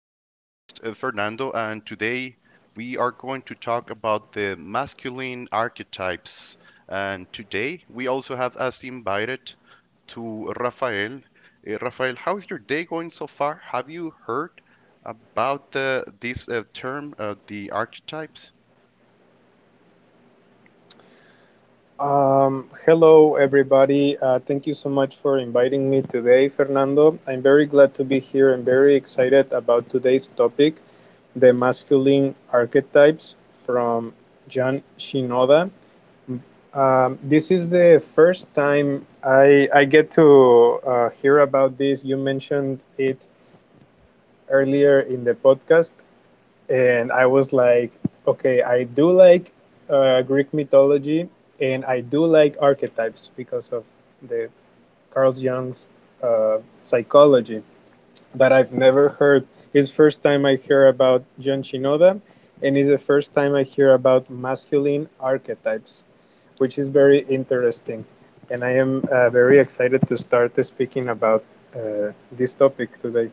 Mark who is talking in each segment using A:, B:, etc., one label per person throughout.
A: Your host, Fernando, and today we are going to talk about the masculine archetypes. And today we also have as invited to Rafael. Rafael, how's your day going so far? Have you heard about the this term, the archetypes?
B: Hello, everybody. Thank you so much for inviting me today, Fernando. I'm very glad to be here and very excited about today's topic, the masculine archetypes from John Shinoda. This is the first time I get to hear about this. You mentioned it earlier in the podcast, and I was like, okay, I do like Greek mythology, and I do like archetypes because of the Carl Jung's uh, psychology. But I've never heard. It's the first time I hear about John Shinoda, and it's the first time I hear about masculine archetypes, which is very interesting. And I am very excited to start speaking about uh, this topic today.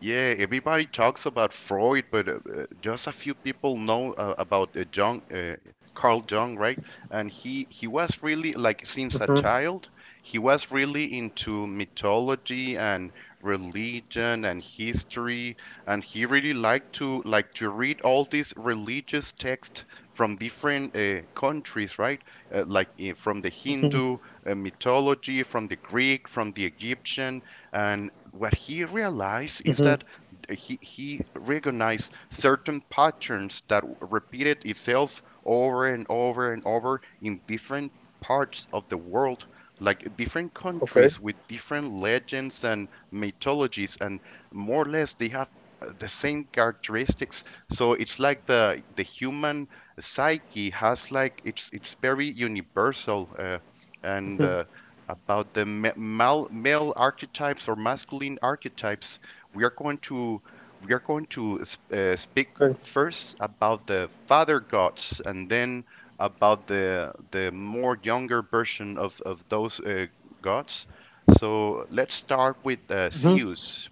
A: Yeah, everybody talks about Freud, but just a few people know about Jung, Carl Jung, right? And he was really like since a
B: hmm
A: child, he was really into mythology and religion and history, and he really liked to like to read all these religious texts from different countries, right? Like from the
B: hmm
A: Hindu mythology, from the Greek, from the Egyptian, and what he realized is
B: hmm.
A: that he recognized certain patterns that repeated itself over and over and over in different parts of the world, like different
B: Okay.
A: countries with different legends and mythologies, and more or less they have the same characteristics. So it's like the human psyche has like it's very universal.
B: Hmm.
A: And About the male archetypes or masculine archetypes we are going to we are going to speak
B: Okay.
A: first about the father gods and then about the more younger version of those gods. So let's start with
B: Mm-hmm.
A: Zeus.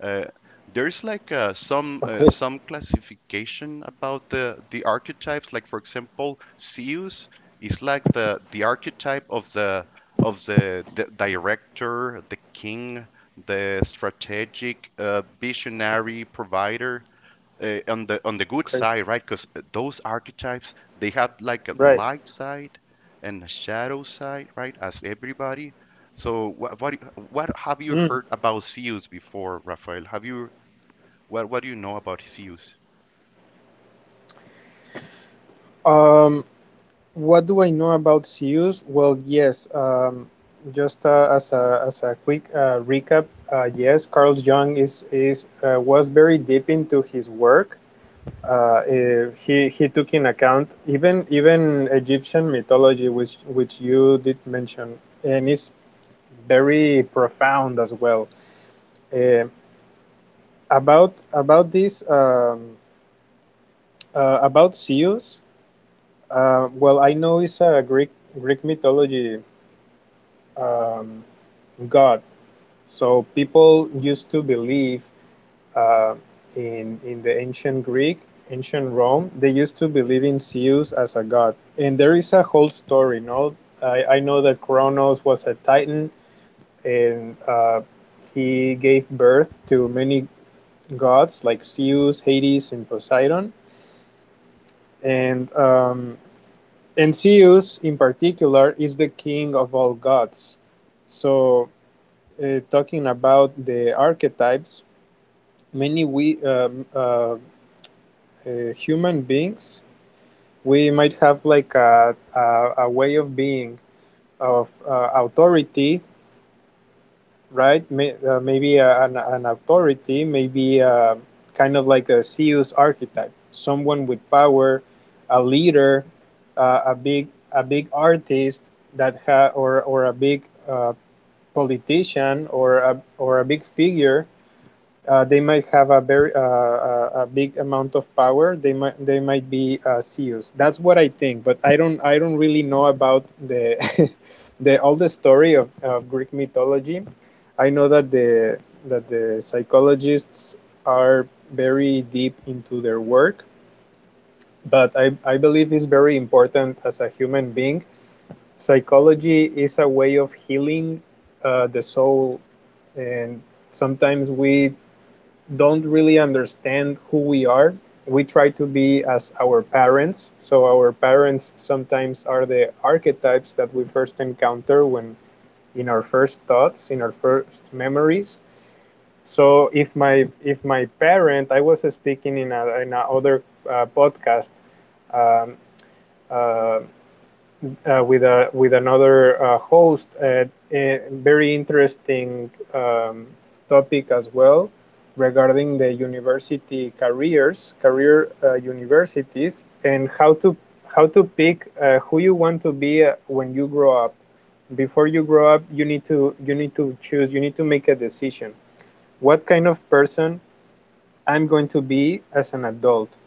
A: uh, there's like
B: Okay,
A: some classification about the archetypes. Like for example, Zeus is like the archetype of the director, the king, the strategic visionary provider on the good
B: okay,
A: side, right? Because those archetypes they have like a
B: right.
A: light side and a shadow side, right? As everybody. So what have you
B: Mm.
A: heard about Zeus before, Rafael? Have you what do you know about Zeus?
B: Um, what do I know about CEUs? Well, yes, just as a quick recap, yes, Carl Jung is was very deep into his work. He took in account even Egyptian mythology, which you did mention, and is very profound as well. Eh, about this about CEUs. Well, I know it's a Greek mythology um, god, so people used to believe uh, in the ancient Greek, ancient Rome. They used to believe in Zeus as a god, and there is a whole story. No, I know that Kronos was a titan, and he gave birth to many gods like Zeus, Hades, and Poseidon. And um, And Zeus, in particular, is the king of all gods. So, talking about the archetypes, many we human beings, we might have like a way of being of authority, right? Maybe an authority, maybe kind of like a CEO's archetype, someone with power, a leader, a big artist or a big uh, politician or a big figure. They might have a very a big amount of power. They might be CEOs. That's what I think, but I don't really know about the the all the story of Greek mythology. I know that the psychologists are very deep into their work, but I believe it's very important as a human being. Psychology is a way of healing the soul, and sometimes we don't really understand who we are. We try to be as our parents. So our parents sometimes are the archetypes that we first encounter when in our first thoughts, in our first memories. So if my parent, I was speaking in a in another podcast um, uh, with a with another host at a very interesting topic as well, regarding the university careers career universities and how to pick who you want to be when you grow up. Before you grow up, you need to choose, you need to make a decision, what kind of person I'm going to be as an adult.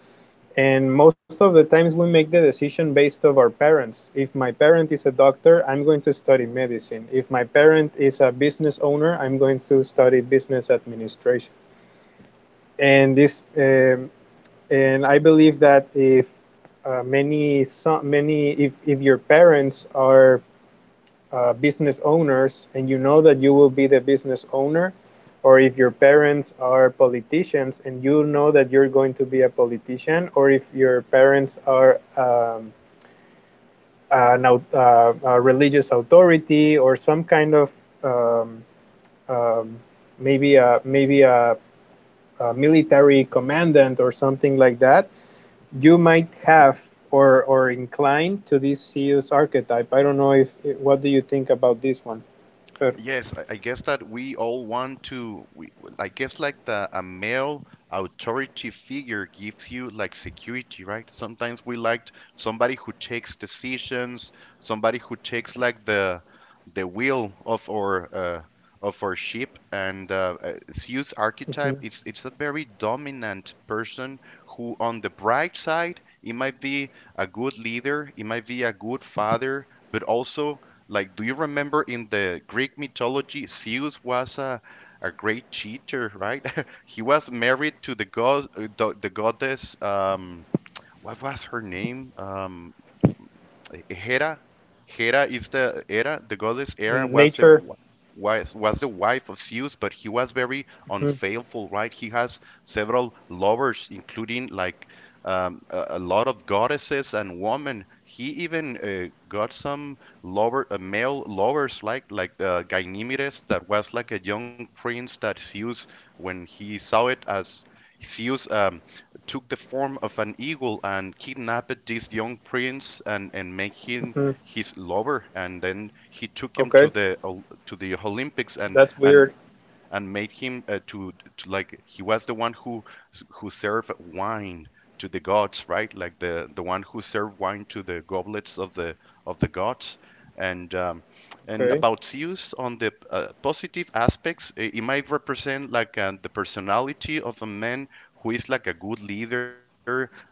B: And most of the times we make the decision based of our parents. If my parent is a doctor, I'm going to study medicine. If my parent is a business owner, I'm going to study business administration. and this um, and I believe that if many so many if your parents are business owners and you know that you will be the business owner, or if your parents are politicians and you know that you're going to be a politician, or if your parents are an, a religious authority or some kind of um, um, maybe a military commandant or something like that, you might have or inclined to this CEO's archetype. I don't know if, what do you think about this one, Fer?
A: Yes, I guess that we all want to. I guess like the a male authority figure gives you like security, right? Sometimes we liked somebody who takes decisions, somebody who takes like the wheel of our ship. And Zeus
B: Mhm.
A: archetype, it's a very dominant person who, on the bright side, it might be a good leader, it might be a good father, but also like, do you remember in the Greek mythology, Zeus was a great cheater, right? He was married to the god, the goddess. What was her name? Hera, Hera is the Hera, the goddess Hera was
B: Nature.
A: was the wife of Zeus, but he was very
B: hmm
A: unfaithful, right? He has several lovers, including like a lot of goddesses and women. He even got some lover, male lovers, like Ganymedes, that was like a young prince that Zeus, when he saw it as Zeus. Took the form of an eagle and kidnapped this young prince, and made him
B: hmm.
A: his lover. And then he took him
B: Okay,
A: to the Olympics, and,
B: that's
A: and
B: weird.
A: and made him to like he was the one who served wine to the gods, right? Like the one who served wine to the goblets of the gods. And um, and
B: Okay.
A: about Zeus on the positive aspects, it might represent like the personality of a man who is like a good leader,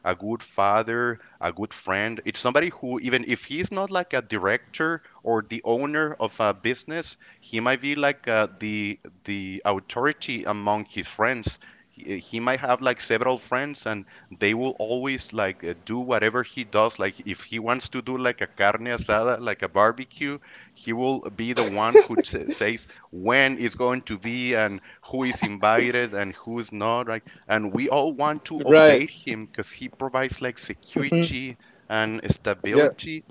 A: a good father, a good friend. It's somebody who, even if he's not like a director or the owner of a business, he might be like the authority among his friends. He might have like several friends, and they will always like do whatever he does, like if he wants to do like a carne asada, like a barbecue, he will be the one who says when is going to be and who is invited and who's not. Right, and we all want to
B: Right.
A: obey him because he provides like
B: Hmm.
A: security and
B: Yeah.
A: stability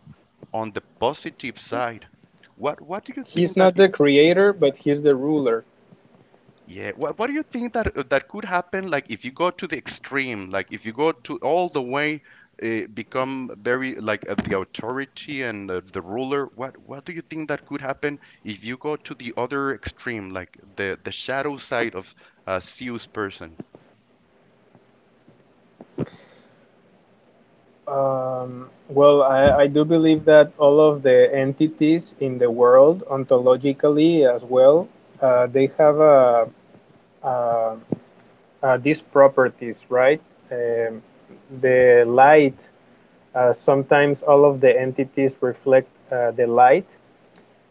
A: on the positive side. What do you
B: He's
A: think that
B: not the creator, but he's the ruler.
A: Yeah. What do you think that that could happen? Like if you go to the extreme, like if you go to all the way, become very like the authority and the ruler. What do you think that could happen if you go to the other extreme, like the shadow side of a serious person?
B: Well, I do believe that all of the entities in the world, ontologically as well, they have uh, these properties, right? Um, the light, sometimes all of the entities reflect the light.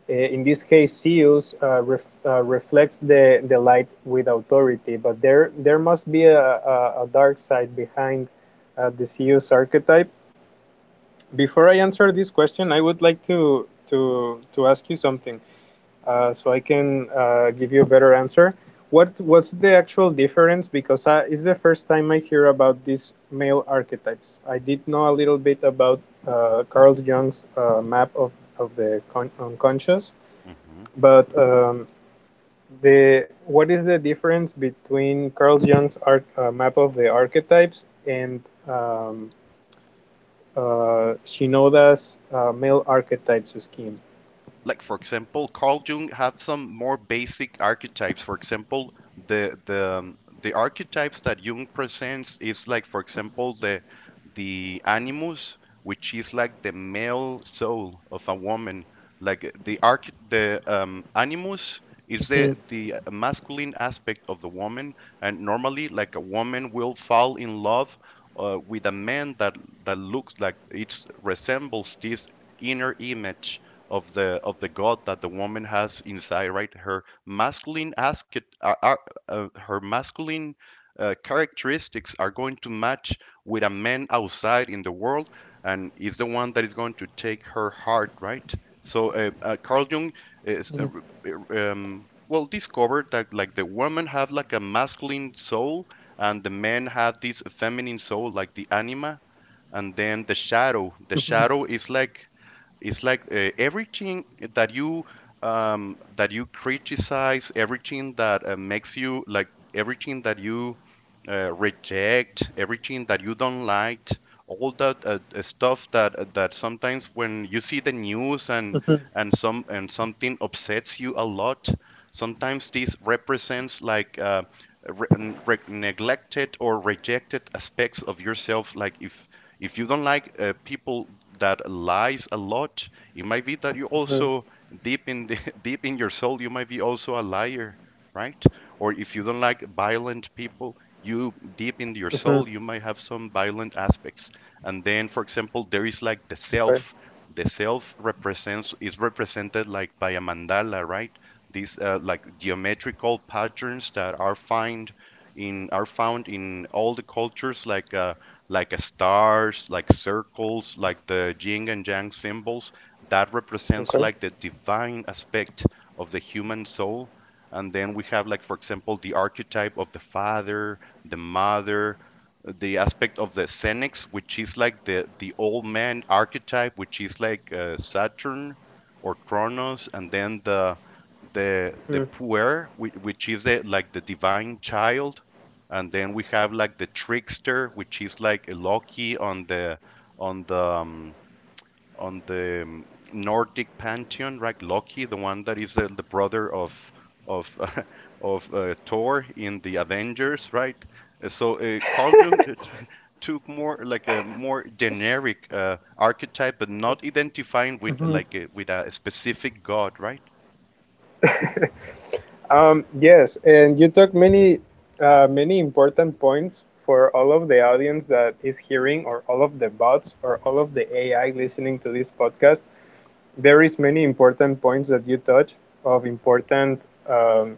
B: In this case, Zeus reflects the light with authority, but there must be a dark side behind the Zeus archetype. Before I answer this question, I would like to ask you something so I can give you a better answer. What's the actual difference? Because it's the first time I hear about these male archetypes. I did know a little bit about Carl Jung's map of the unconscious,
A: Mm-hmm.
B: but the what is the difference between Carl Jung's map of the archetypes and um, Shinoda's male archetypes scheme?
A: Like for example, Carl Jung had some more basic archetypes. For example, the archetypes that Jung presents is like, for example, the animus, which is like the male soul of a woman. Like the animus is
B: Mhm,
A: the masculine aspect of the woman, and normally, like a woman will fall in love with a man that that looks like it resembles this inner image of the god that the woman has inside, right? Her masculine asket, her masculine characteristics are going to match with a man outside in the world, and is the one that is going to take her heart, right? So Carl Jung is
B: mhm,
A: well discovered that like the woman have like a masculine soul, and the man have this feminine soul, like the anima, and then the shadow. The
B: mhm,
A: shadow is like it's like everything that you that you criticize, everything that makes you like everything that you reject, everything that you don't like, all that stuff that that sometimes when you see the news
B: mhm,
A: and some and something upsets you a lot, sometimes this represents like neglected or rejected aspects of yourself, like if you don't like people that lies a lot, it might be that you
B: mhm,
A: also deep in deep in your soul you might be also a liar, right? Or if you don't like violent people, you deep in your soul
B: mhm.
A: you might have some violent aspects. And then, for example, there is like the
B: Okay.
A: self. The self represents is represented like by a mandala, right? These like geometrical patterns that are found in all the cultures, like stars, like circles, like the yin and yang symbols, that represents
B: Okay.
A: like the divine aspect of the human soul. And then we have like, for example, the archetype of the father, the mother, the aspect of the Senex, which is like the old man archetype, which is like Saturn or Kronos, and then the
B: Mhm,
A: puer, which is the, like the divine child, and then we have like the trickster, which is like a Loki on on the um, the Nordic pantheon, right? Loki the one that is the brother of of uh, of Thor in the Avengers, right? So Carl Jung took more like a more generic archetype but not identifying with
B: mhm.
A: like with a specific god, right?
B: Yes, and you took many many important points for all of the audience that is hearing, or all of the bots, or all of the AI listening to this podcast. There is many important points that you touch of important um,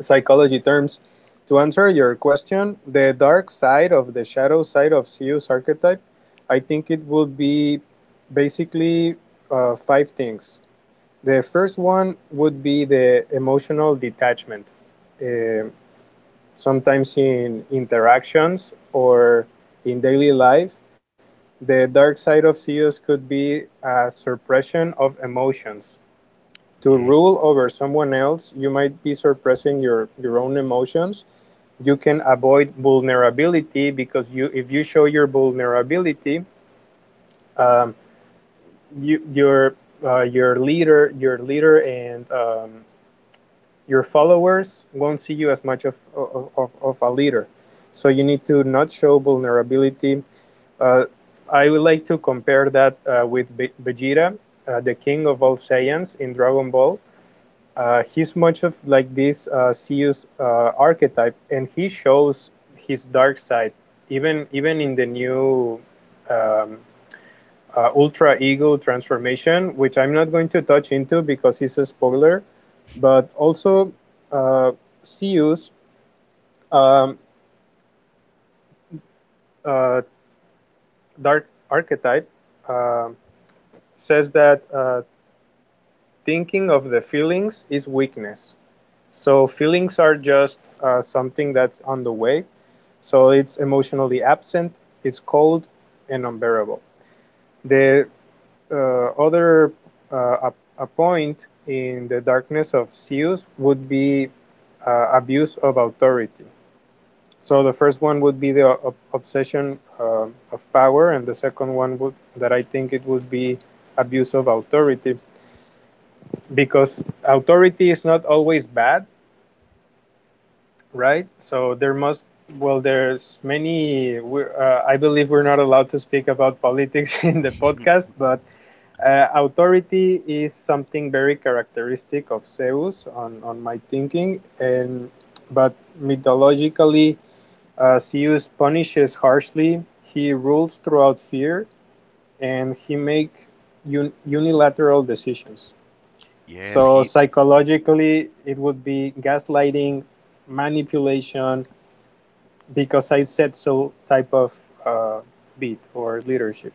B: psychology terms. To answer your question, the dark side of the shadow side of Zeus archetype, I think it would be basically five things. The first one would be the emotional detachment. Uh, Sometimes in interactions or in daily life, the dark side of Zeus could be a suppression of emotions. To
A: yeah
B: rule over someone else, you might be suppressing your own emotions. You can avoid vulnerability, because you if you show your vulnerability, um, you, your your leader and your followers won't see you as much of, a leader. So you need to not show vulnerability. Uh, I would like to compare that with Vegeta, the king of all Saiyans in Dragon Ball. He's much of like this Zeus archetype, and he shows his dark side even in the new um, Ultra Ego transformation, which I'm not going to touch into because it's a spoiler. But also, uh, Zeus, um, uh, dark archetype, uh, says that thinking of the feelings is weakness. So feelings are just something that's on the way. So it's emotionally absent, it's cold, and unbearable. The uh, other uh, a, a point in the darkness of Zeus would be abuse of authority. So the first one would be the obsession of power, and the second one would, that I think it would be, abuse of authority, because authority is not always bad, right? Well, there's many, I believe we're not allowed to speak about politics in the
A: he-
B: podcast, but authority is something very characteristic of Zeus on my thinking. And, but mythologically, Zeus punishes harshly, he rules throughout fear, and he makes unilateral decisions.
A: yes
B: So
A: he
B: psychologically, it would be gaslighting, manipulation, because I said so type of uh, beat or leadership.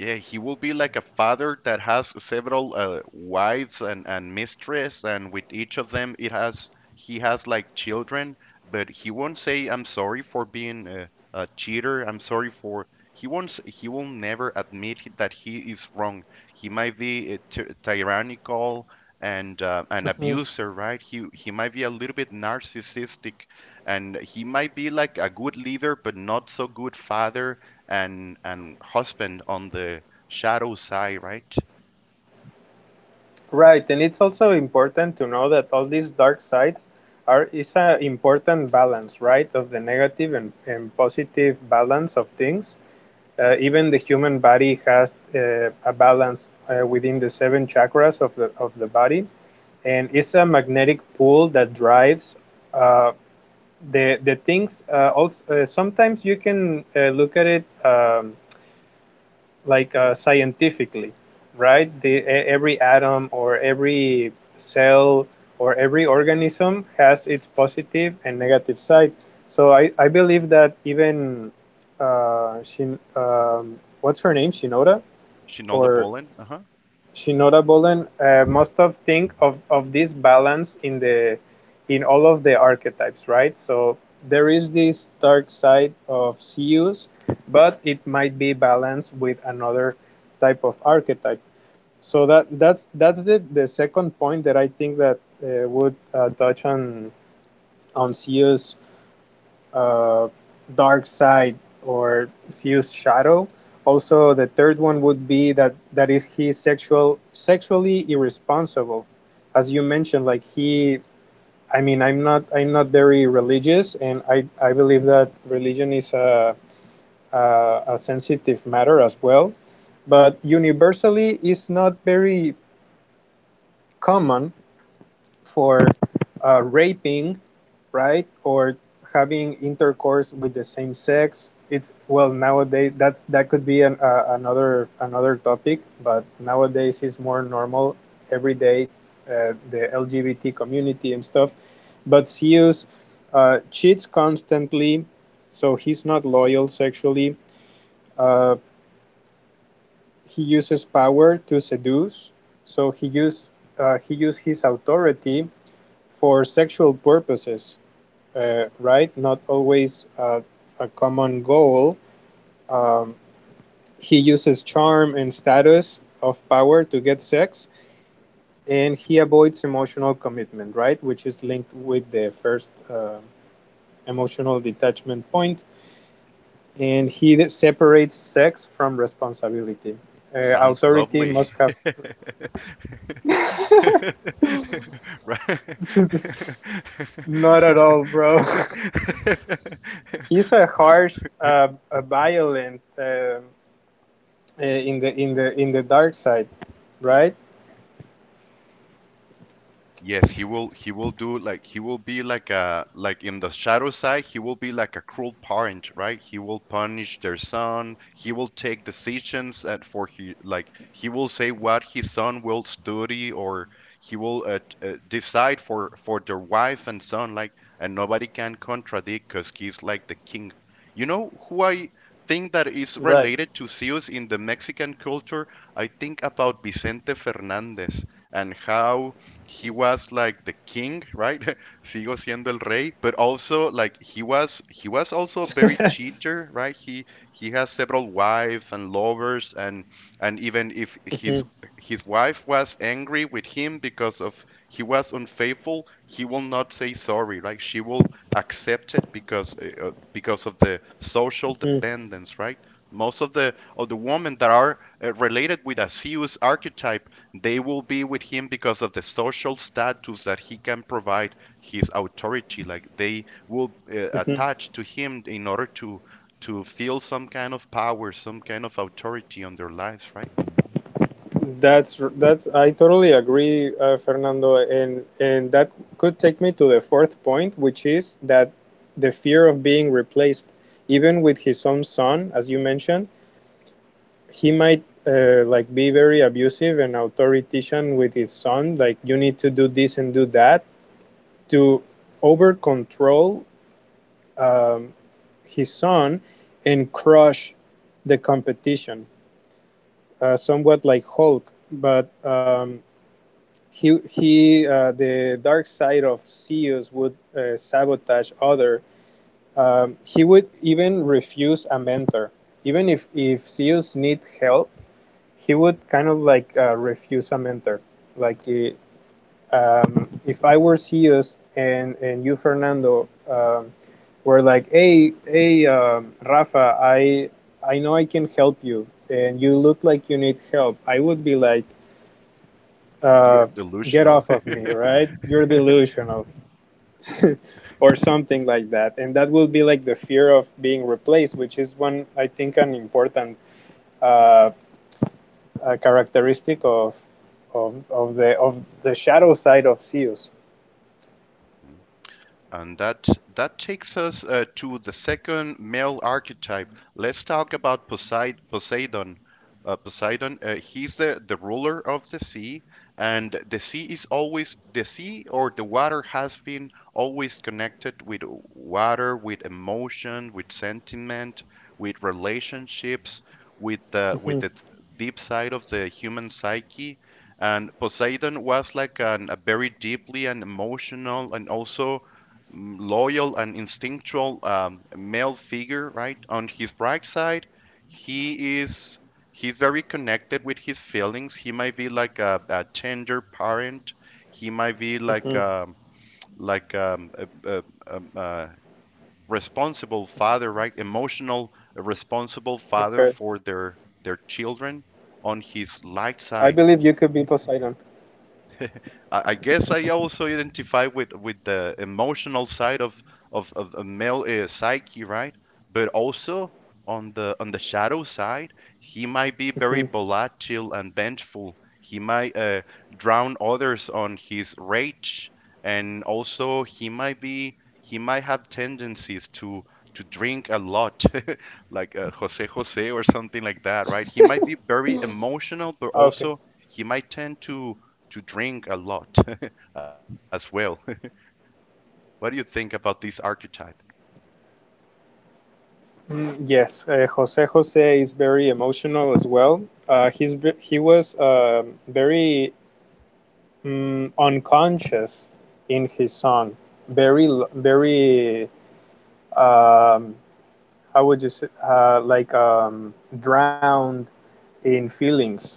A: Yeah, he will be like a father that has several wives and mistress, and with each of them it has he has like children, but he won't say I'm sorry for being a cheater. I'm sorry for he won't s- He will never admit that he is wrong. He might be tyrannical and an
B: Mm-hmm.
A: abuser, right? He might be a little bit narcissistic, and he might be like a good leader but not so good father and husband on the shadow side, right?
B: Right, and it's also important to know that all these dark sides are is an important balance, right, of the negative and positive balance of things. Even the human body has a balance within the seven chakras of the body, and it's a magnetic pull that drives uh, the things. Sometimes you can look at it. Like scientifically, right? Every atom or every cell or every organism has its positive and negative side. So I believe that even uh, Shin, um, what's her name, Shinoda,
A: Shinola
B: or
A: Bolin. Uh-huh.
B: she notable, and most of think of this balance in the in all of the archetypes, right? So there is this dark side of Zeus, but it might be balanced with another type of archetype. So that's the second point that I think that would touch on Zeus uh, dark side or Zeus shadow. Also, the third one would be that that is he sexually irresponsible, as you mentioned. Like he, I mean, I'm not very religious, and I believe that religion is a sensitive matter as well. But universally, it's not very common for raping, right, or having intercourse with the same sex. It's, well, nowadays that's, that could be an, another another topic, but nowadays it's more normal every day, the LGBT community and stuff. But Zeus cheats constantly, so he's not loyal sexually. Uh, he uses power to seduce, so he use his authority for sexual purposes, right? Not always a common goal. Um, he uses charm and status of power to get sex, and he avoids emotional commitment, right? Which is linked with the first emotional detachment point. And he separates sex from responsibility.
A: Sounds
B: Authority
A: lovely.
B: must have.
A: Right.
B: Not at all, bro. He's a harsh, a violent in the in the dark side, right?
A: Yes, he will do like he will be like a like in the shadow side, he will be like a cruel parent, right? He will punish their son. He will take decisions, and for he like he will say what his son will study, or he will decide for their wife and son like, and nobody can contradict because he's like the king. You know who I think that is
B: Right.
A: related to Zeus in the Mexican culture? I think about Vicente Fernandez and how he was like the king, right? Sigo siendo el rey, but also like he was also a very cheater, right? He has several wives and lovers, and even if
B: Mhm,
A: his wife was angry with him because of he was unfaithful, he will not say sorry, like she will accept it because of the social
B: mhm,
A: dependence, right? Most of the women that are related with a Zeus archetype they will be with him because of the social status that he can provide, his authority. Like they will
B: mhm.
A: attach to him in order to feel some kind of power, some kind of authority on their lives, right?
B: That's I totally agree, Fernando, and that could take me to the fourth point, which is that the fear of being replaced, even with his own son, as you mentioned, he might like be very abusive and authoritarian with his son, like you need to do this and do that to over control, um, his son, and crush the competition, somewhat like Hulk. But He the dark side of Zeus would sabotage other. He would even refuse a mentor, even if Zeus need help, he would kind of like refuse a mentor. Like he, if I were CEOs and you Fernando were like, hey Rafa, I know I can help you, and you look like you need help, I would be like,
A: You're
B: uh, get
A: delusional.
B: off of me, right? You're delusional. Or something like that, and that will be like the fear of being replaced, which is one, I think, an important uh, characteristic of, of the shadow side of CEOs.
A: And that takes us to the second male archetype. Let's talk about Poseidon. Poseidon, he's the ruler of the sea, and the sea is always the sea or the water has been always connected with water, with emotion, with sentiment, with relationships, with the with
B: hmm
A: the deep side of the human psyche. And Poseidon was like a very deeply and emotional and also loyal and instinctual male figure, right? On his bright side, he is he's very connected with his feelings. He might be like a tender parent. He might be like
B: hmm
A: like um, uh responsible father, right? Emotional, a responsible father
B: Okay.
A: for their children. On his light
B: I
A: side,
B: believe you could be Poseidon.
A: I guess I also identify with the emotional side of of a male psyche, right? But also on the shadow side, he might be very
B: Mhm.
A: volatile and vengeful. He might drown others on his rage, and also he might have tendencies to drink a lot, like Jose Jose or something like that, right? He might be very emotional, but
B: Okay.
A: also he might tend to drink a lot as well. What do you think about this archetype?
B: Mm, yes, Jose Jose is very emotional as well. He was very mm, unconscious in his song. Very um, how would you say, like drowned in feelings,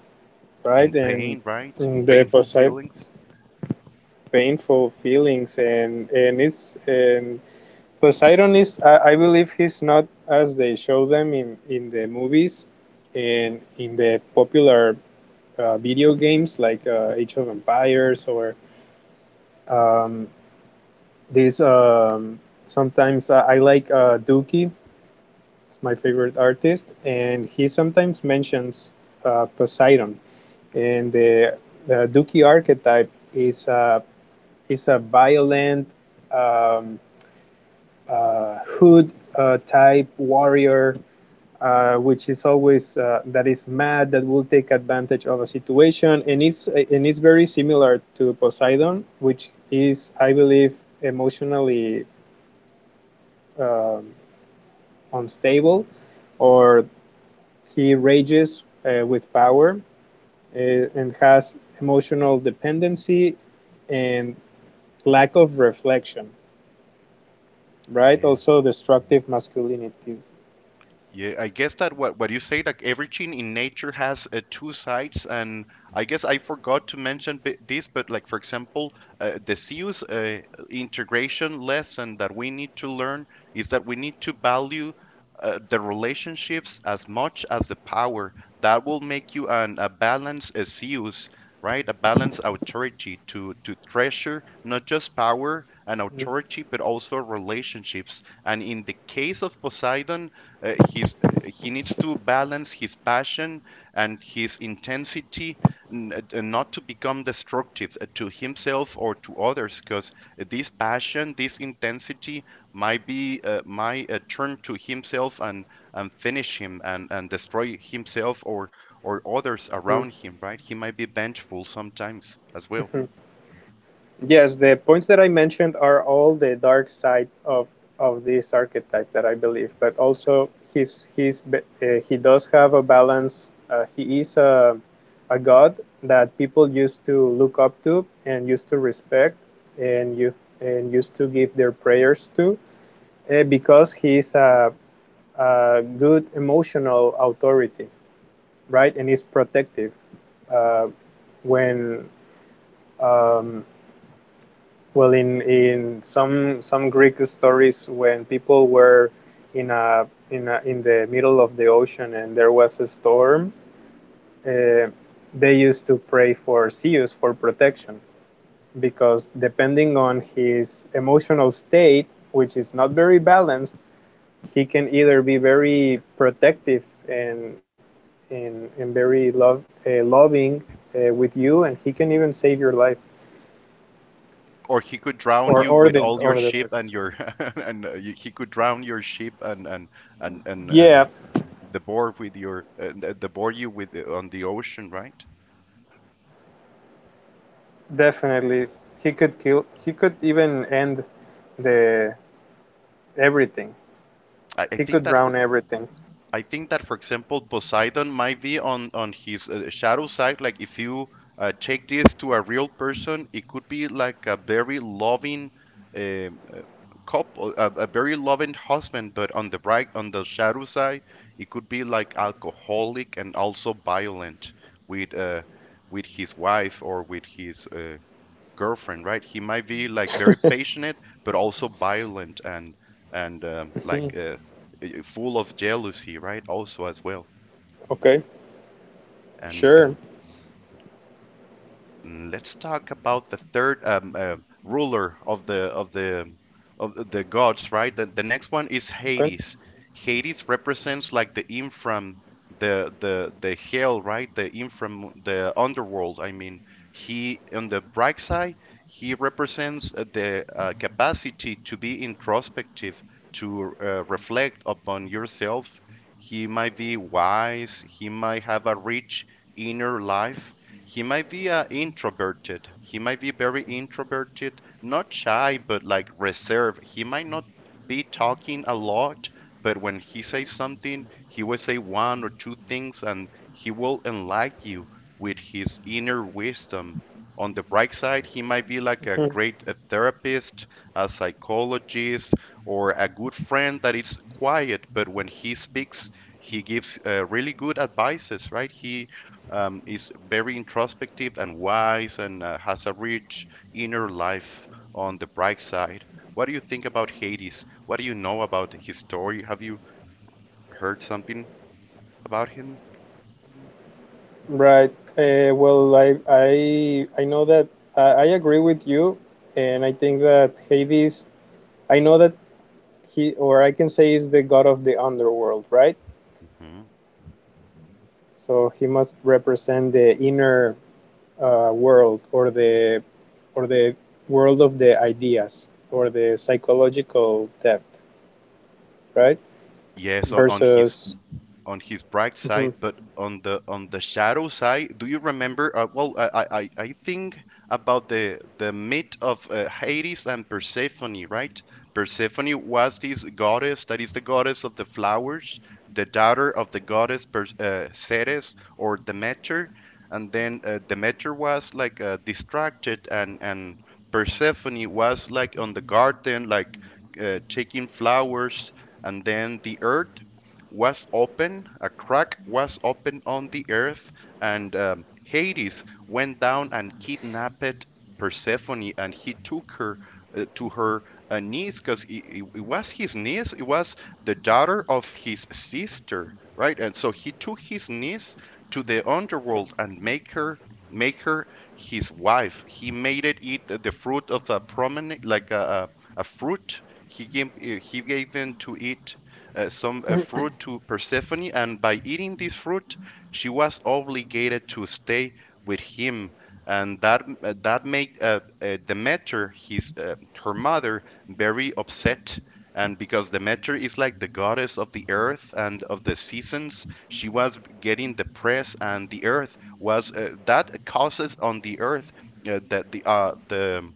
B: right?
A: In
B: And
A: pain, right? In
B: mm, the
A: painful
B: Poseidon
A: feelings?
B: painful feelings, and Poseidon is, I believe, he's not as they show them in the movies and in the popular video games like Age of Empires or um, these. Sometimes I like Dookie, it's my favorite artist, and he sometimes mentions Poseidon. And the Dookie archetype is a violent um, hood type warrior, which is always that is mad, that will take advantage of a situation, and it's very similar to Poseidon, which is, I believe, emotionally, um, unstable, or he rages with power, uh, and has emotional dependency and lack of reflection, right?
A: Yes.
B: Also destructive masculinity.
A: Yeah, I guess that what you say, like everything in nature has two sides, and I guess I forgot to mention b this, but like for example, the CU's integration lesson that we need to learn is that we need to value the relationships as much as the power. That will make you an a balanced CU's, right? A balanced authority to treasure not just power and authority, but also relationships. And in the case of Poseidon his he needs to balance his passion and his intensity not to become destructive to himself or to others, because this passion, this intensity might be might turn to himself and finish him and destroy himself or others
B: Mhm,
A: around him, right? He might be vengeful sometimes as well.
B: mhm. Yes, the points that I mentioned are all the dark side of this archetype that I believe, but also he's he's he does have a balance. He is a god that people used to look up to, and used to respect, and used to give their prayers to, because he's a good emotional authority, right? And he's protective, uh, when. Um, Well, in some Greek stories, when people were in a in the middle of the ocean and there was a storm, uh, they used to pray for Zeus for protection, because depending on his emotional state, which is not very balanced, he can either be very protective, and and very love loving with you, and he can even save your life
A: Or he could drown
B: or
A: you with all your
B: the
A: sheep
B: dogs.
A: and your and he could drown your sheep and
B: Yeah,
A: and the board with your the board you with on the ocean, right?
B: definitely, he could kill. He could even end the everything.
A: I
B: He
A: think
B: could
A: that for
B: drown everything.
A: I think that for example Poseidon might be on his shadow side, like if you take this to a real person, it could be like a very loving um couple, a very loving husband, but on on the shadow side, it could be like alcoholic and also violent with uh, with his wife or with his girlfriend, right? He might be like very passionate, but also violent and and um, like
B: Mhm.
A: uh, full of jealousy, right? Also as well,
B: Okay, sure.
A: and let's talk about the third ruler of the the gods, right? The next one is
B: Okay,
A: Hades. Hades represents like the hell, right? The infram, the underworld. I mean, he on the bright side, he represents the capacity to be introspective, to reflect upon yourself. He might be wise. He might have a rich inner life. He might be introverted. He might be very introverted, not shy, but like reserved. He might not be talking a lot, but when he says something, he will say one or two things and he will enlighten you with his inner wisdom. On the bright side, he might be like a
B: Mhm.
A: great therapist, a psychologist, or a good friend that is quiet, but when he speaks, he gives really good advices, right? He is very introspective and wise and has a rich inner life on the bright side. What do you think about Hades? What do you know about his story? Have you heard something about him?
B: Right. Well, I I know that I agree with you, and I think that Hades. I know that he, or I can say, is the god of the underworld, right?
A: Hmm.
B: So he must represent the inner world, or the or the world of the ideas, or the psychological depth, right?
A: Yes,
B: Versus
A: on his bright
B: Mhm.
A: side. But on the shadow side, do you remember? Well, I think about the myth of Hades and Persephone, right? Persephone was this goddess that is the goddess of the flowers, the daughter of the goddess Ceres or Demeter, and then Demeter was like distracted, and Persephone was like on the garden, like taking flowers, and then the earth was open, a crack was open on the earth, and Hades went down and kidnapped Persephone, and he took her to her niece, because it was his niece, it was the daughter of his sister, right? And so he took his niece to the underworld and make her make her his wife. He made it eat the fruit of a promenade, like a fruit. He gave in to eat some fruit to Persephone, and by eating this fruit, she was obligated to stay with him. And that that made Demeter, his her mother, very upset. And because Demeter is like the goddess of the earth and of the seasons, she was getting depressed, and the earth was that causes on the earth that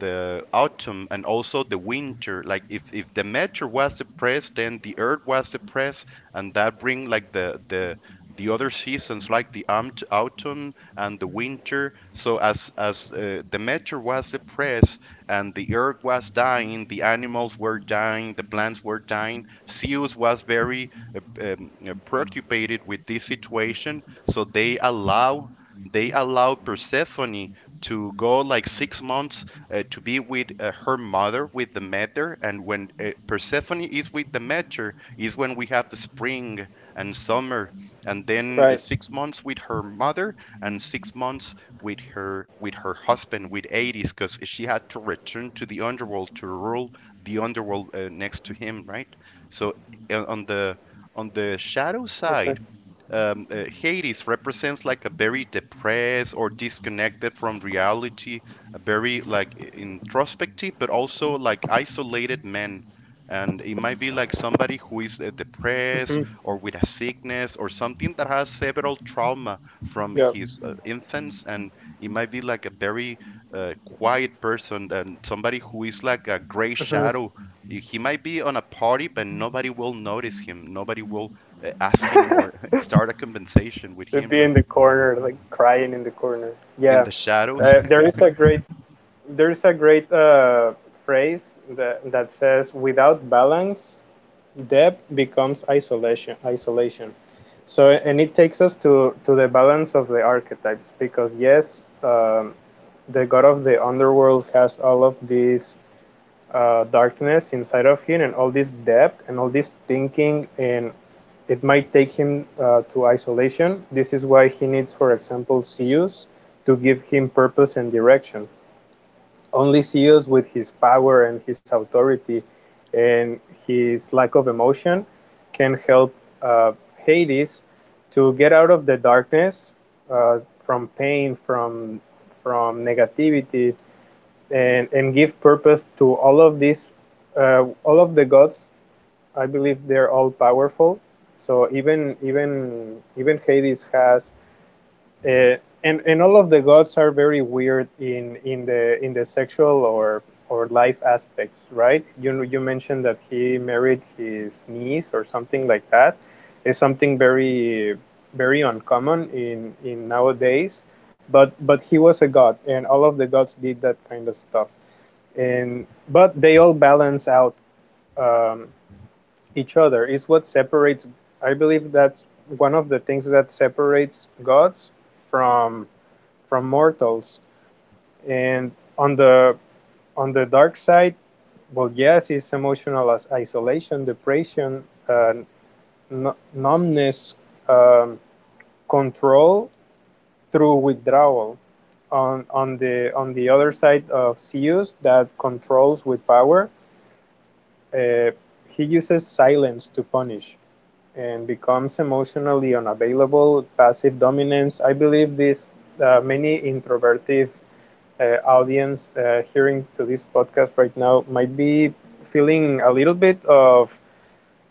A: the autumn and also the winter, like if the meteor was depressed, then the earth was depressed, and that bring like the the other seasons, like the autumn and the winter. So as the meteor was depressed and the earth was dying, the animals were dying, the plants were dying, Zeus was very preoccupied with this situation. So they allow Persephone to go like 6 months to be with her mother, with the Demeter, and when Persephone is with the Demeter, is when we have the spring and summer, and then
B: Right.
A: 6 months with her mother and 6 months with her husband, with Hades, because she had to return to the underworld to rule the underworld next to him, right? So uh, on the on the shadow
B: Okay.
A: side, Hades represents like a very depressed or disconnected from reality, a very like introspective but also like isolated man. And it might be like somebody who is depressed
B: Hmm.
A: or with a sickness or something, that has several trauma from
B: Yeah.
A: his infants, and it might be like a very quiet person, and somebody who is like a gray
B: Hmm.
A: shadow. He might be on a party, but nobody will notice him, nobody will ask him or start a conversation with
B: Should
A: him,
B: be
A: right?
B: in the corner, like crying in the corner.
A: In
B: Yeah.
A: the shadows.
B: Uh, there is a great there is a great phrase that that says without balance, depth becomes isolation. Isolation. So, and it takes us to the balance of the archetypes because, yes, the god of the underworld has all of this darkness inside of him, and all this depth, and all this thinking, and it might take him to isolation. This is why he needs, for example, Zeus to give him purpose and direction. Only seals with his power and his authority and his lack of emotion can help uh, Hades to get out of the darkness, from pain, from negativity, and give purpose to all of these, all of the gods. I believe they're all powerful. So even Hades has uh, and all of the gods are very weird in the sexual or life aspects, right? You know, you mentioned that he married his niece or something like that. It's something very very uncommon in nowadays. But he was a god, and all of the gods did that kind of stuff. And but they all balance out, um, each other. Is what separates. I believe that's one of the things that separates gods from from mortals. And on the dark side, well, yes, it's emotional as isolation, depression, numbness, um, control through withdrawal. On the other side of Zeus, that controls with power, uh, he uses silence to punish and becomes emotionally unavailable, passive dominance. I believe this many introverted audience hearing to this podcast right now might be feeling a little bit of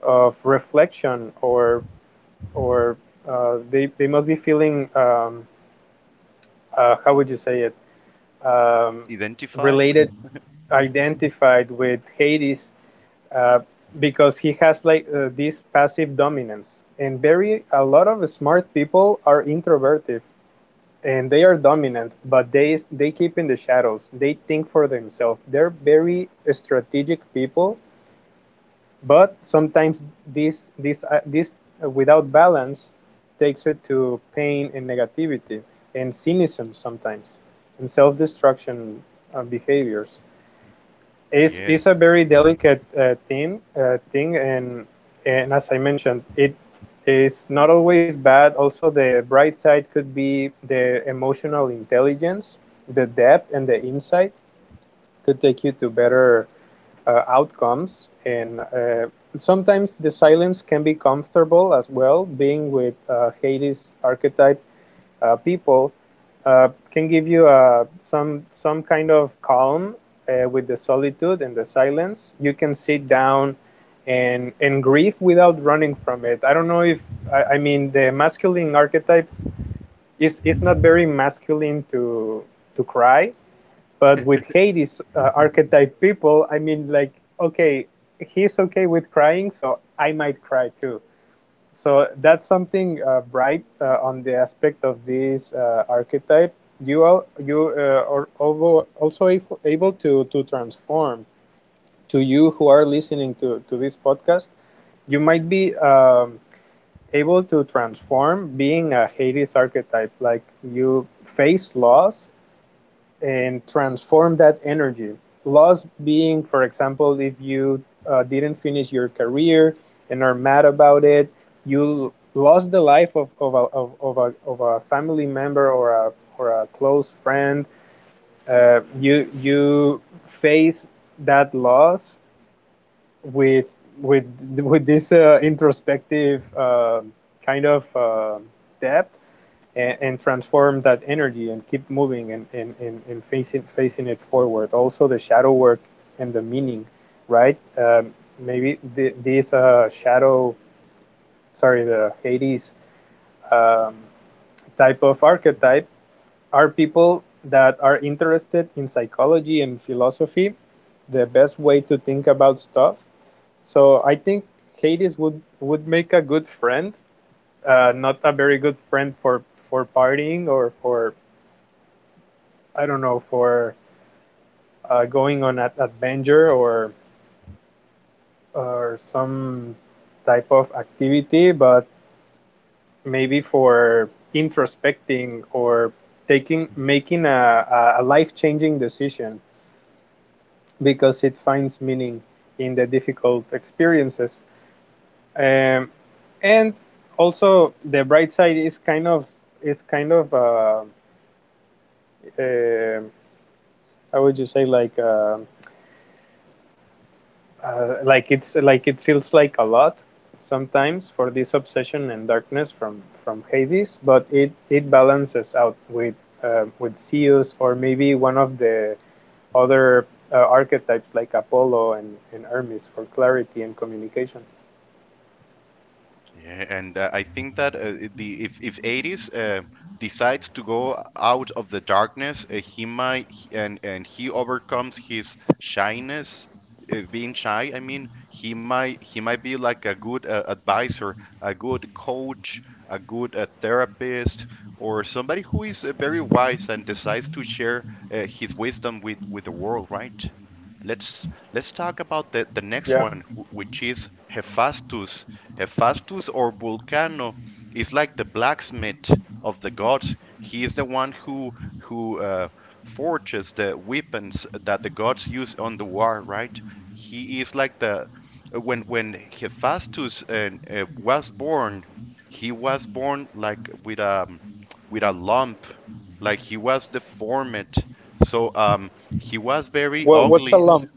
B: reflection or or they must be feeling how would you say it um,
A: Identify with
B: related
A: him.
B: identified with Hades, uh, because he has like this passive dominance, and very a lot of smart people are introverted, and they are dominant, but they keep in the shadows, they think for themselves, they're very strategic people, but sometimes this without balance takes it to pain and negativity and cynicism sometimes and self-destruction behaviors. It's
A: Yes.
B: a very delicate uh, thing and as I mentioned it is not always bad. Also, the bright side could be the emotional intelligence, the depth, and the insight could take you to better outcomes, and sometimes the silence can be comfortable as well. Being with Hades archetype people can give you some kind of calm with the solitude and the silence. You can sit down and grieve without running from it. I don't know if I mean the masculine archetypes is not very masculine to cry, but with Hades archetype people, I mean, like, okay, he's okay with crying, so I might cry too, so that's something bright on the aspect of this archetype. You are also able to transform to you who are listening to this podcast. You might be able to transform being a Hades archetype, like you face loss and transform that energy. Loss being, for example, if you didn't finish your career and are mad about it, you lost the life of a family member, or a close friend. You face that loss with with this introspective kind of depth, and transform that energy, and keep moving, and facing it forward. Also, the shadow work and the meaning, right? Maybe this shadow, sorry, the Hades um, type of archetype are people that are interested in psychology and philosophy, the best way to think about stuff. So I think Hades would make a good friend, not a very good friend for partying, or for I don't know, for going on an adventure or some type of activity, but maybe for introspecting or taking making a life-changing decision, because it finds meaning in the difficult experiences. Um, and also the bright side is kind of um, how would you say, like um, like it's like it feels like a lot sometimes for this obsession and darkness from Hades, but it balances out with Zeus, or maybe one of the other archetypes like Apollo and Hermes for clarity and communication.
A: Yeah, and I think that the if Ares decides to go out of the darkness, and he overcomes his shyness, being shy. I mean, he might be like a good advisor, a good coach, a good therapist, or somebody who is very wise and decides to share his wisdom with the world, right? Let's let's talk about the next
B: Yeah.
A: one, which is Hephaestus. Hephaestus or Vulcano is like the blacksmith of the gods. He is the one who forges the weapons that the gods use on the war, right? He is like the when Hephaestus was born, he was born like with a lump, like he was deformed. So he was very
B: What what's a
A: ugly.
B: lump?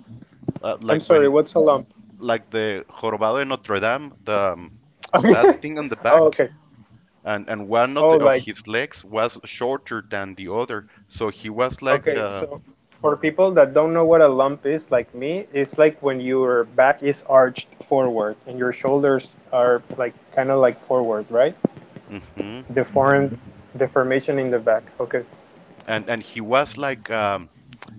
B: I'm
A: Like
B: sorry.
A: when
B: What's a lump?
A: like the Jorobado de Notre Dame, the
B: Okay.
A: that thing on the
B: Oh,
A: back,
B: okay.
A: and one of
B: Oh,
A: the of
B: like
A: his legs was shorter than the other, so he was like
B: okay, so for people that don't know what a lump is, like me, it's like when your back is arched forward, and your shoulders are like kind of like forward, right?
A: mhm, uh,
B: Deformed, deformation in the back. Okay,
A: and he was like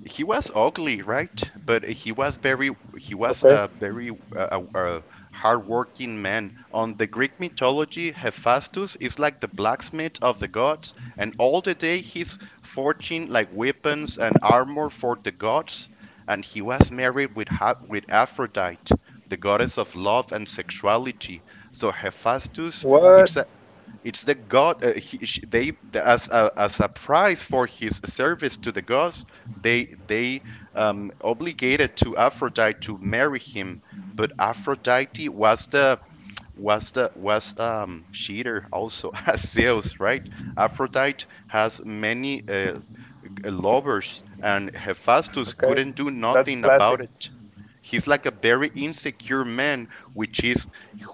A: he was ugly, right? But he was very he was
B: okay.
A: a very uh, uh, uh, hardworking man. On the Greek mythology, Hephaestus is like the blacksmith of the gods, and all the day he's forging like weapons and armor for the gods, and he was married with with Aphrodite, the goddess of love and sexuality. So Hephaestus,
B: What?
A: it's it's the god. He, sh they as as a price for his service to the gods, they obligated to Aphrodite to marry him. But Aphrodite was the was the was cheater also as Zeus, right? Aphrodite has many lovers, and Hephaestus
B: Okay,
A: couldn't do
B: that's
A: nothing
B: classic.
A: about it. He's like a very insecure man,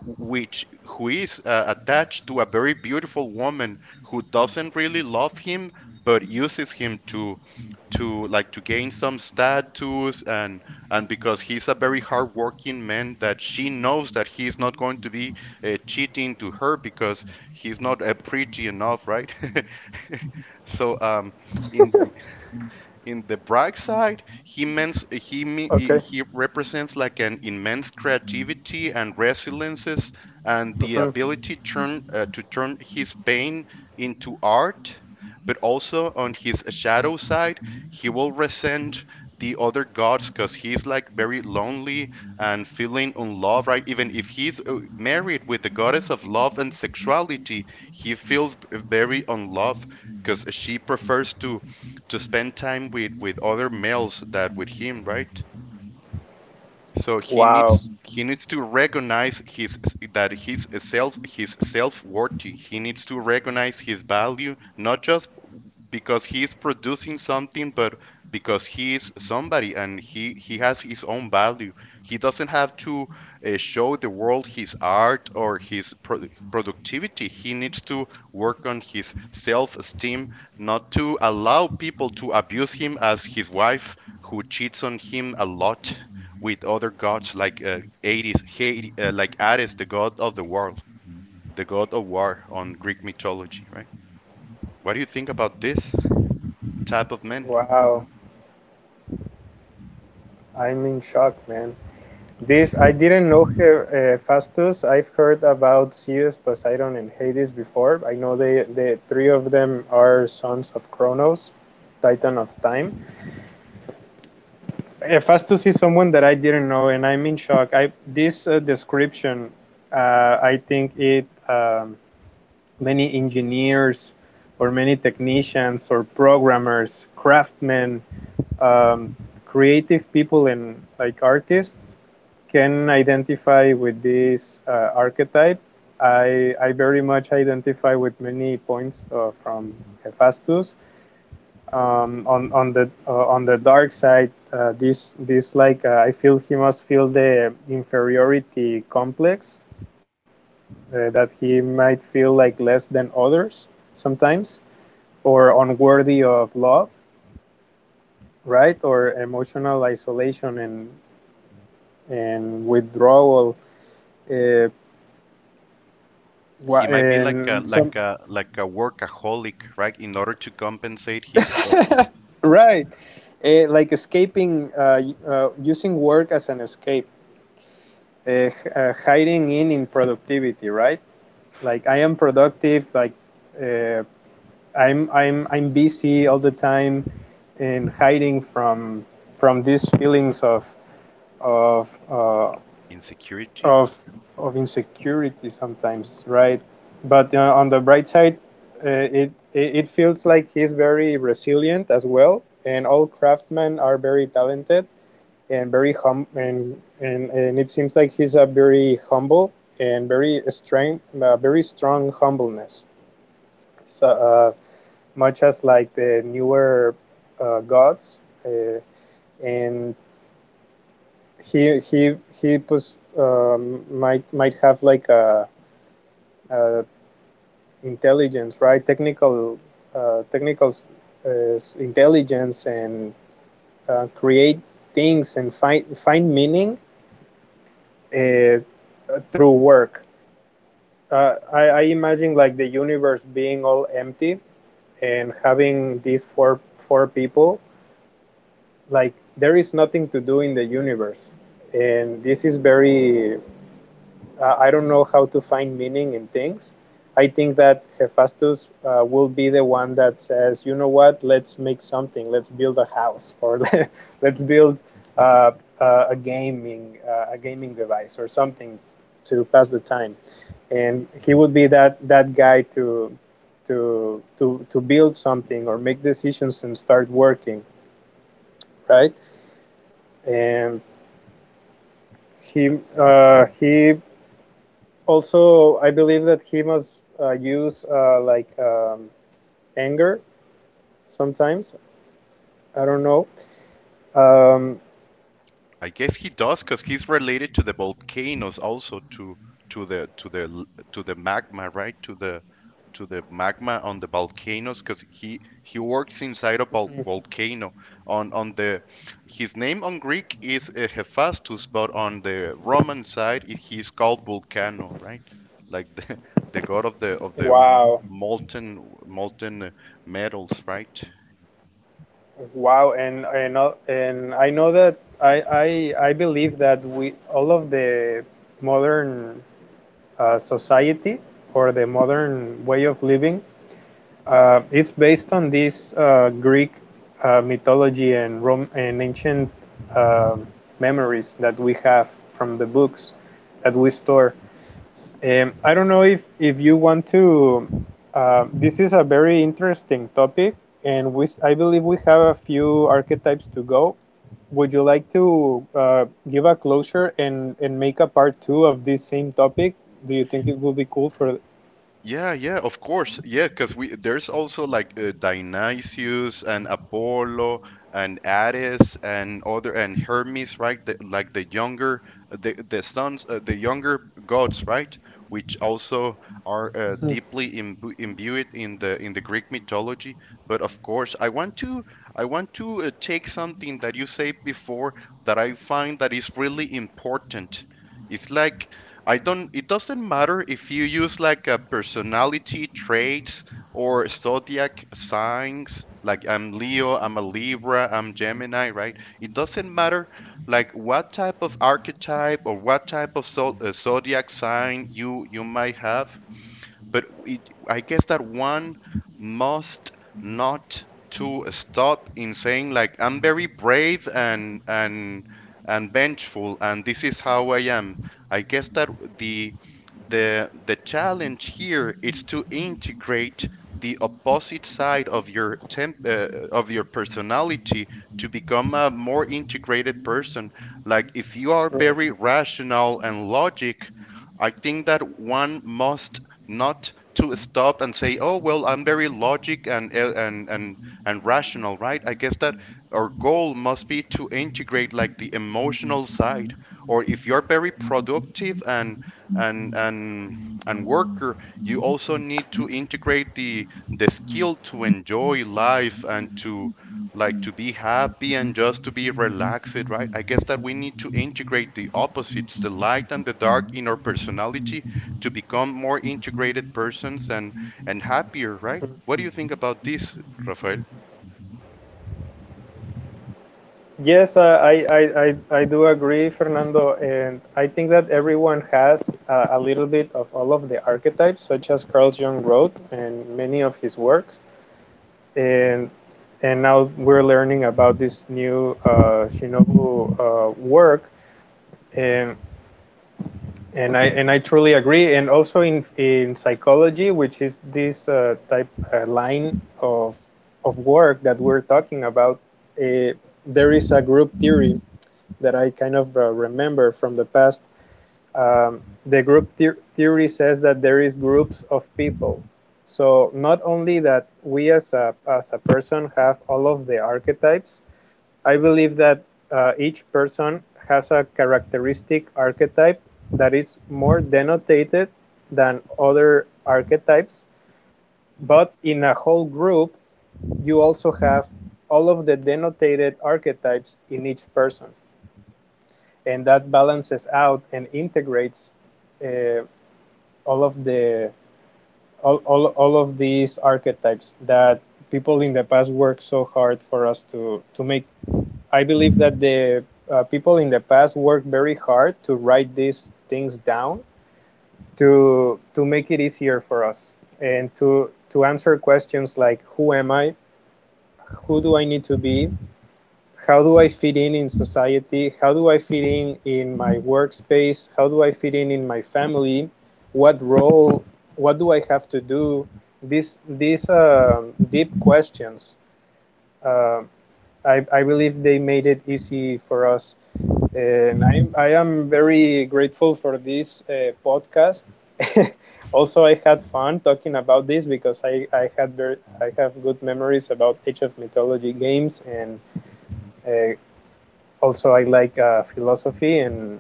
A: which who is attached to a very beautiful woman who doesn't really love him, but uses him to gain some status and because he's a very hardworking man that she knows that he's not going to be cheating to her because he's not pretty enough, right? So in in the bright side, he means he me-
B: Okay.
A: he represents like an immense creativity and resiliences and the
B: Hmm.
A: ability turn to turn his pain into art. But also on his shadow side, he will resent the other gods because he's like very lonely and feeling unloved, right? Even if he's married with the goddess of love and sexuality, he feels very unloved because she prefers to spend time with other males that with him, right? So
B: Wow,
A: he needs to recognize his that his self worthy. He needs to recognize his value, not just because he is producing something, but because he is somebody and he has his own value. He doesn't have to show the world his art or his productivity. He needs to work on his self-esteem, not to allow people to abuse him as his wife who cheats on him a lot with other gods like Hades, like Ares, the god of the world, the god of war on Greek mythology, right? What do you think about this type of man?
B: wow. I'm in shock, man. This I didn't know her Fastus. I've heard about Zeus, Poseidon, and Hades before. I know they the three of them are sons of Kronos, Titan of Time. Fastus is someone that I didn't know, and I'm in shock. I this description, uh, I think it Many engineers or many technicians or programmers, craftsmen, um, creative people and like artists can identify with this archetype. I very much identify with many points from Hephaestus. On the on the dark side, this this like I feel he must feel the inferiority complex that he might feel like less than others sometimes, or unworthy of love, right? Or emotional isolation and withdrawal uh, wa-
A: He might be like
B: and some
A: a workaholic, right? In order to compensate his
B: right, like escaping using work as an escape, hiding in productivity, right? Like I am productive, like, uh, I'm busy all the time and hiding from these feelings of of uh,
A: insecurity,
B: of of insecurity sometimes, right? But on the bright side, it feels like he's very resilient as well, and all craftsmen are very talented and very hum and it seems like he's a very humble and very strong humbleness. So much as like the newer gods, and he he he pos, might have like a intelligence, right? Technical, technical uh, intelligence and create things and find meaning uh, through work. I imagine like the universe being all empty and having these four people. Like there is nothing to do in the universe, and this is very I don't know how to find meaning in things. I think that Hephaestus will be the one that says, you know what, let's make something, let's build a house, or let's build uh, a gaming device or something to pass the time. And he would be that guy to to build something or make decisions and start working, right? And he also I believe that he must use like anger sometimes. I don't know. um,
A: I guess he does because he's related to the volcanoes, also to to the to the the magma, right? To the magma on the volcanoes because he works inside a volcano on the his name on Greek is Hephaestus, but on the Roman side he's called Vulcano, right? Like the the god of the
B: wow
A: molten metals, right?
B: wow. And I know that I I believe that we all of the modern society or the modern way of living, it's based on this Greek mythology and Rome and ancient um memories that we have from the books that we store. I don't know if you want to. This is a very interesting topic, and we I believe we have a few archetypes to go. Would you like to give a closure and make a part two of this same topic? Do you think it will be cool for?
A: Yeah, yeah, of course. Yeah, because we there's also like Dionysius and Apollo and Ares and other and Hermes, right? Like the younger the younger gods, right? Which also are
B: Mhm.
A: deeply imbued in the Greek mythology. But of course, I want to take something that you said before that I find that is really important. It's like I don't it doesn't matter if you use like a personality traits or zodiac signs, like I'm Leo, I'm a Libra, I'm Gemini, right? It doesn't matter like what type of archetype or what type of zodiac sign you you might have, but I guess that one must not to stop in saying like I'm very brave and and vengeful, and this is how I am. I guess that the the challenge here is to integrate the opposite side of your of your personality, to become a more integrated person. Like if you are
B: Right.
A: very rational and logic, I think that one must not to stop and say, "Oh, well, I'm very logic and and rational, right?" I guess that our goal must be to integrate like the emotional side. Or if you're very productive and and and worker, you also need to integrate the skill to enjoy life and to be happy and just to be relaxed, right? I guess that we need to integrate the opposites, the light and the dark in our personality, to become more integrated persons and happier, right? What do you think about this, Rafael?
B: Yes, I do agree, Fernando, and I think that everyone has a little bit of all of the archetypes, such as Carl Jung wrote and many of his works. And now we're learning about this new Shinobu work, and I truly agree. And also in psychology, which is this type line of work that we're talking about, uh, there is a group theory that I kind of remember from the past. Um, the group theory says that there is groups of people. So not only that we as a person have all of the archetypes. I believe that each person has a characteristic archetype that is more denotated than other archetypes. But in a whole group, you also have all of the denotated archetypes in each person, and that balances out and integrates uh, all of the all of these archetypes that people in the past worked so hard for us to make. I believe that the people in the past worked very hard to write these things down to make it easier for us, and to answer questions like who am I, who do I need to be, how do I fit in society? How do I fit in my workspace? How do I fit in my family? What role? What do I have to do? These deep questions. Uh, I believe they made it easy for us, and I am very grateful for this podcast. Also, I had fun talking about this because I had very I have good memories about Age of Mythology games, and uh, also I like philosophy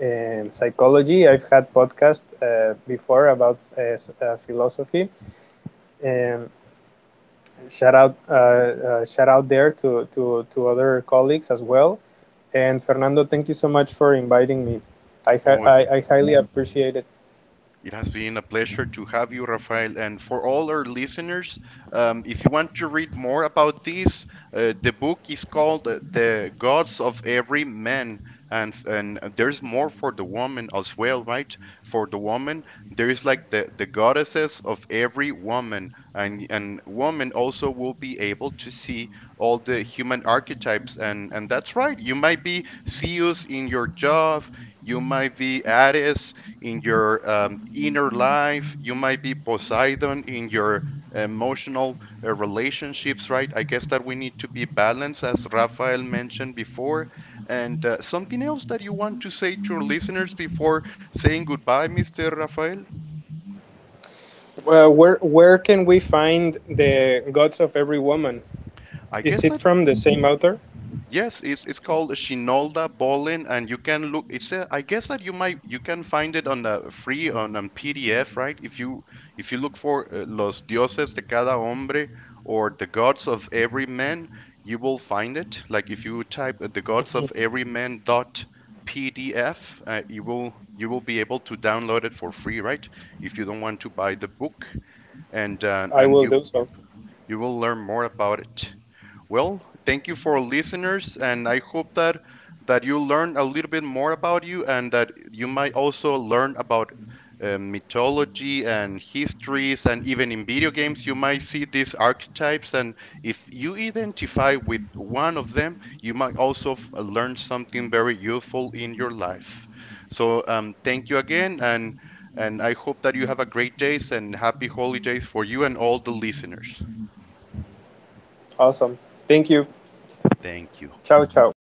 B: and psychology. I've had podcasts before about philosophy. And shout out there to other colleagues as well. And Fernando, thank you so much for inviting me. I,
A: Oh,
B: I highly appreciate it.
A: it has been a pleasure to have you, Rafael. And for all our listeners, if you want to read more about this, the book is called The Gods of Every Man. And there's more for the woman as well, right? For the woman, there is like the goddesses of every woman. And woman also will be able to see all the human archetypes. And that's right. You might be Zeus in your job, you might be Ares in your inner life. You might be Poseidon in your emotional relationships, right? I guess that we need to be balanced, as Rafael mentioned before. And something else that you want to say to your listeners before saying goodbye, Mr. Rafael?
B: Well, where can we find the Gods of Every Woman?
A: I
B: Is
A: guess
B: it
A: that
B: from the same author?
A: yes, it's called Shinolda Bolin, and you can look. It's a, I guess that you can find it on a free on a PDF, right? If you look for Los Dioses de Cada Hombre or The Gods of Every Man, you will find it. Like if you type the Gods of Every Man dot PDF, you will be able to download it for free, right? If you don't want to buy the book, and uh,
B: I
A: and
B: will do so.
A: you will learn more about it. Well, thank you for listeners, and I hope that you learn a little bit more about you, and that you might also learn about mythology and histories, and even in video games, you might see these archetypes. And if you identify with one of them, you might also learn something very useful in your life. So, thank you again, and I hope that you have a great days and happy holidays for you and all the listeners.
B: Awesome. Thank you.
A: Thank you.
B: Ciao, ciao.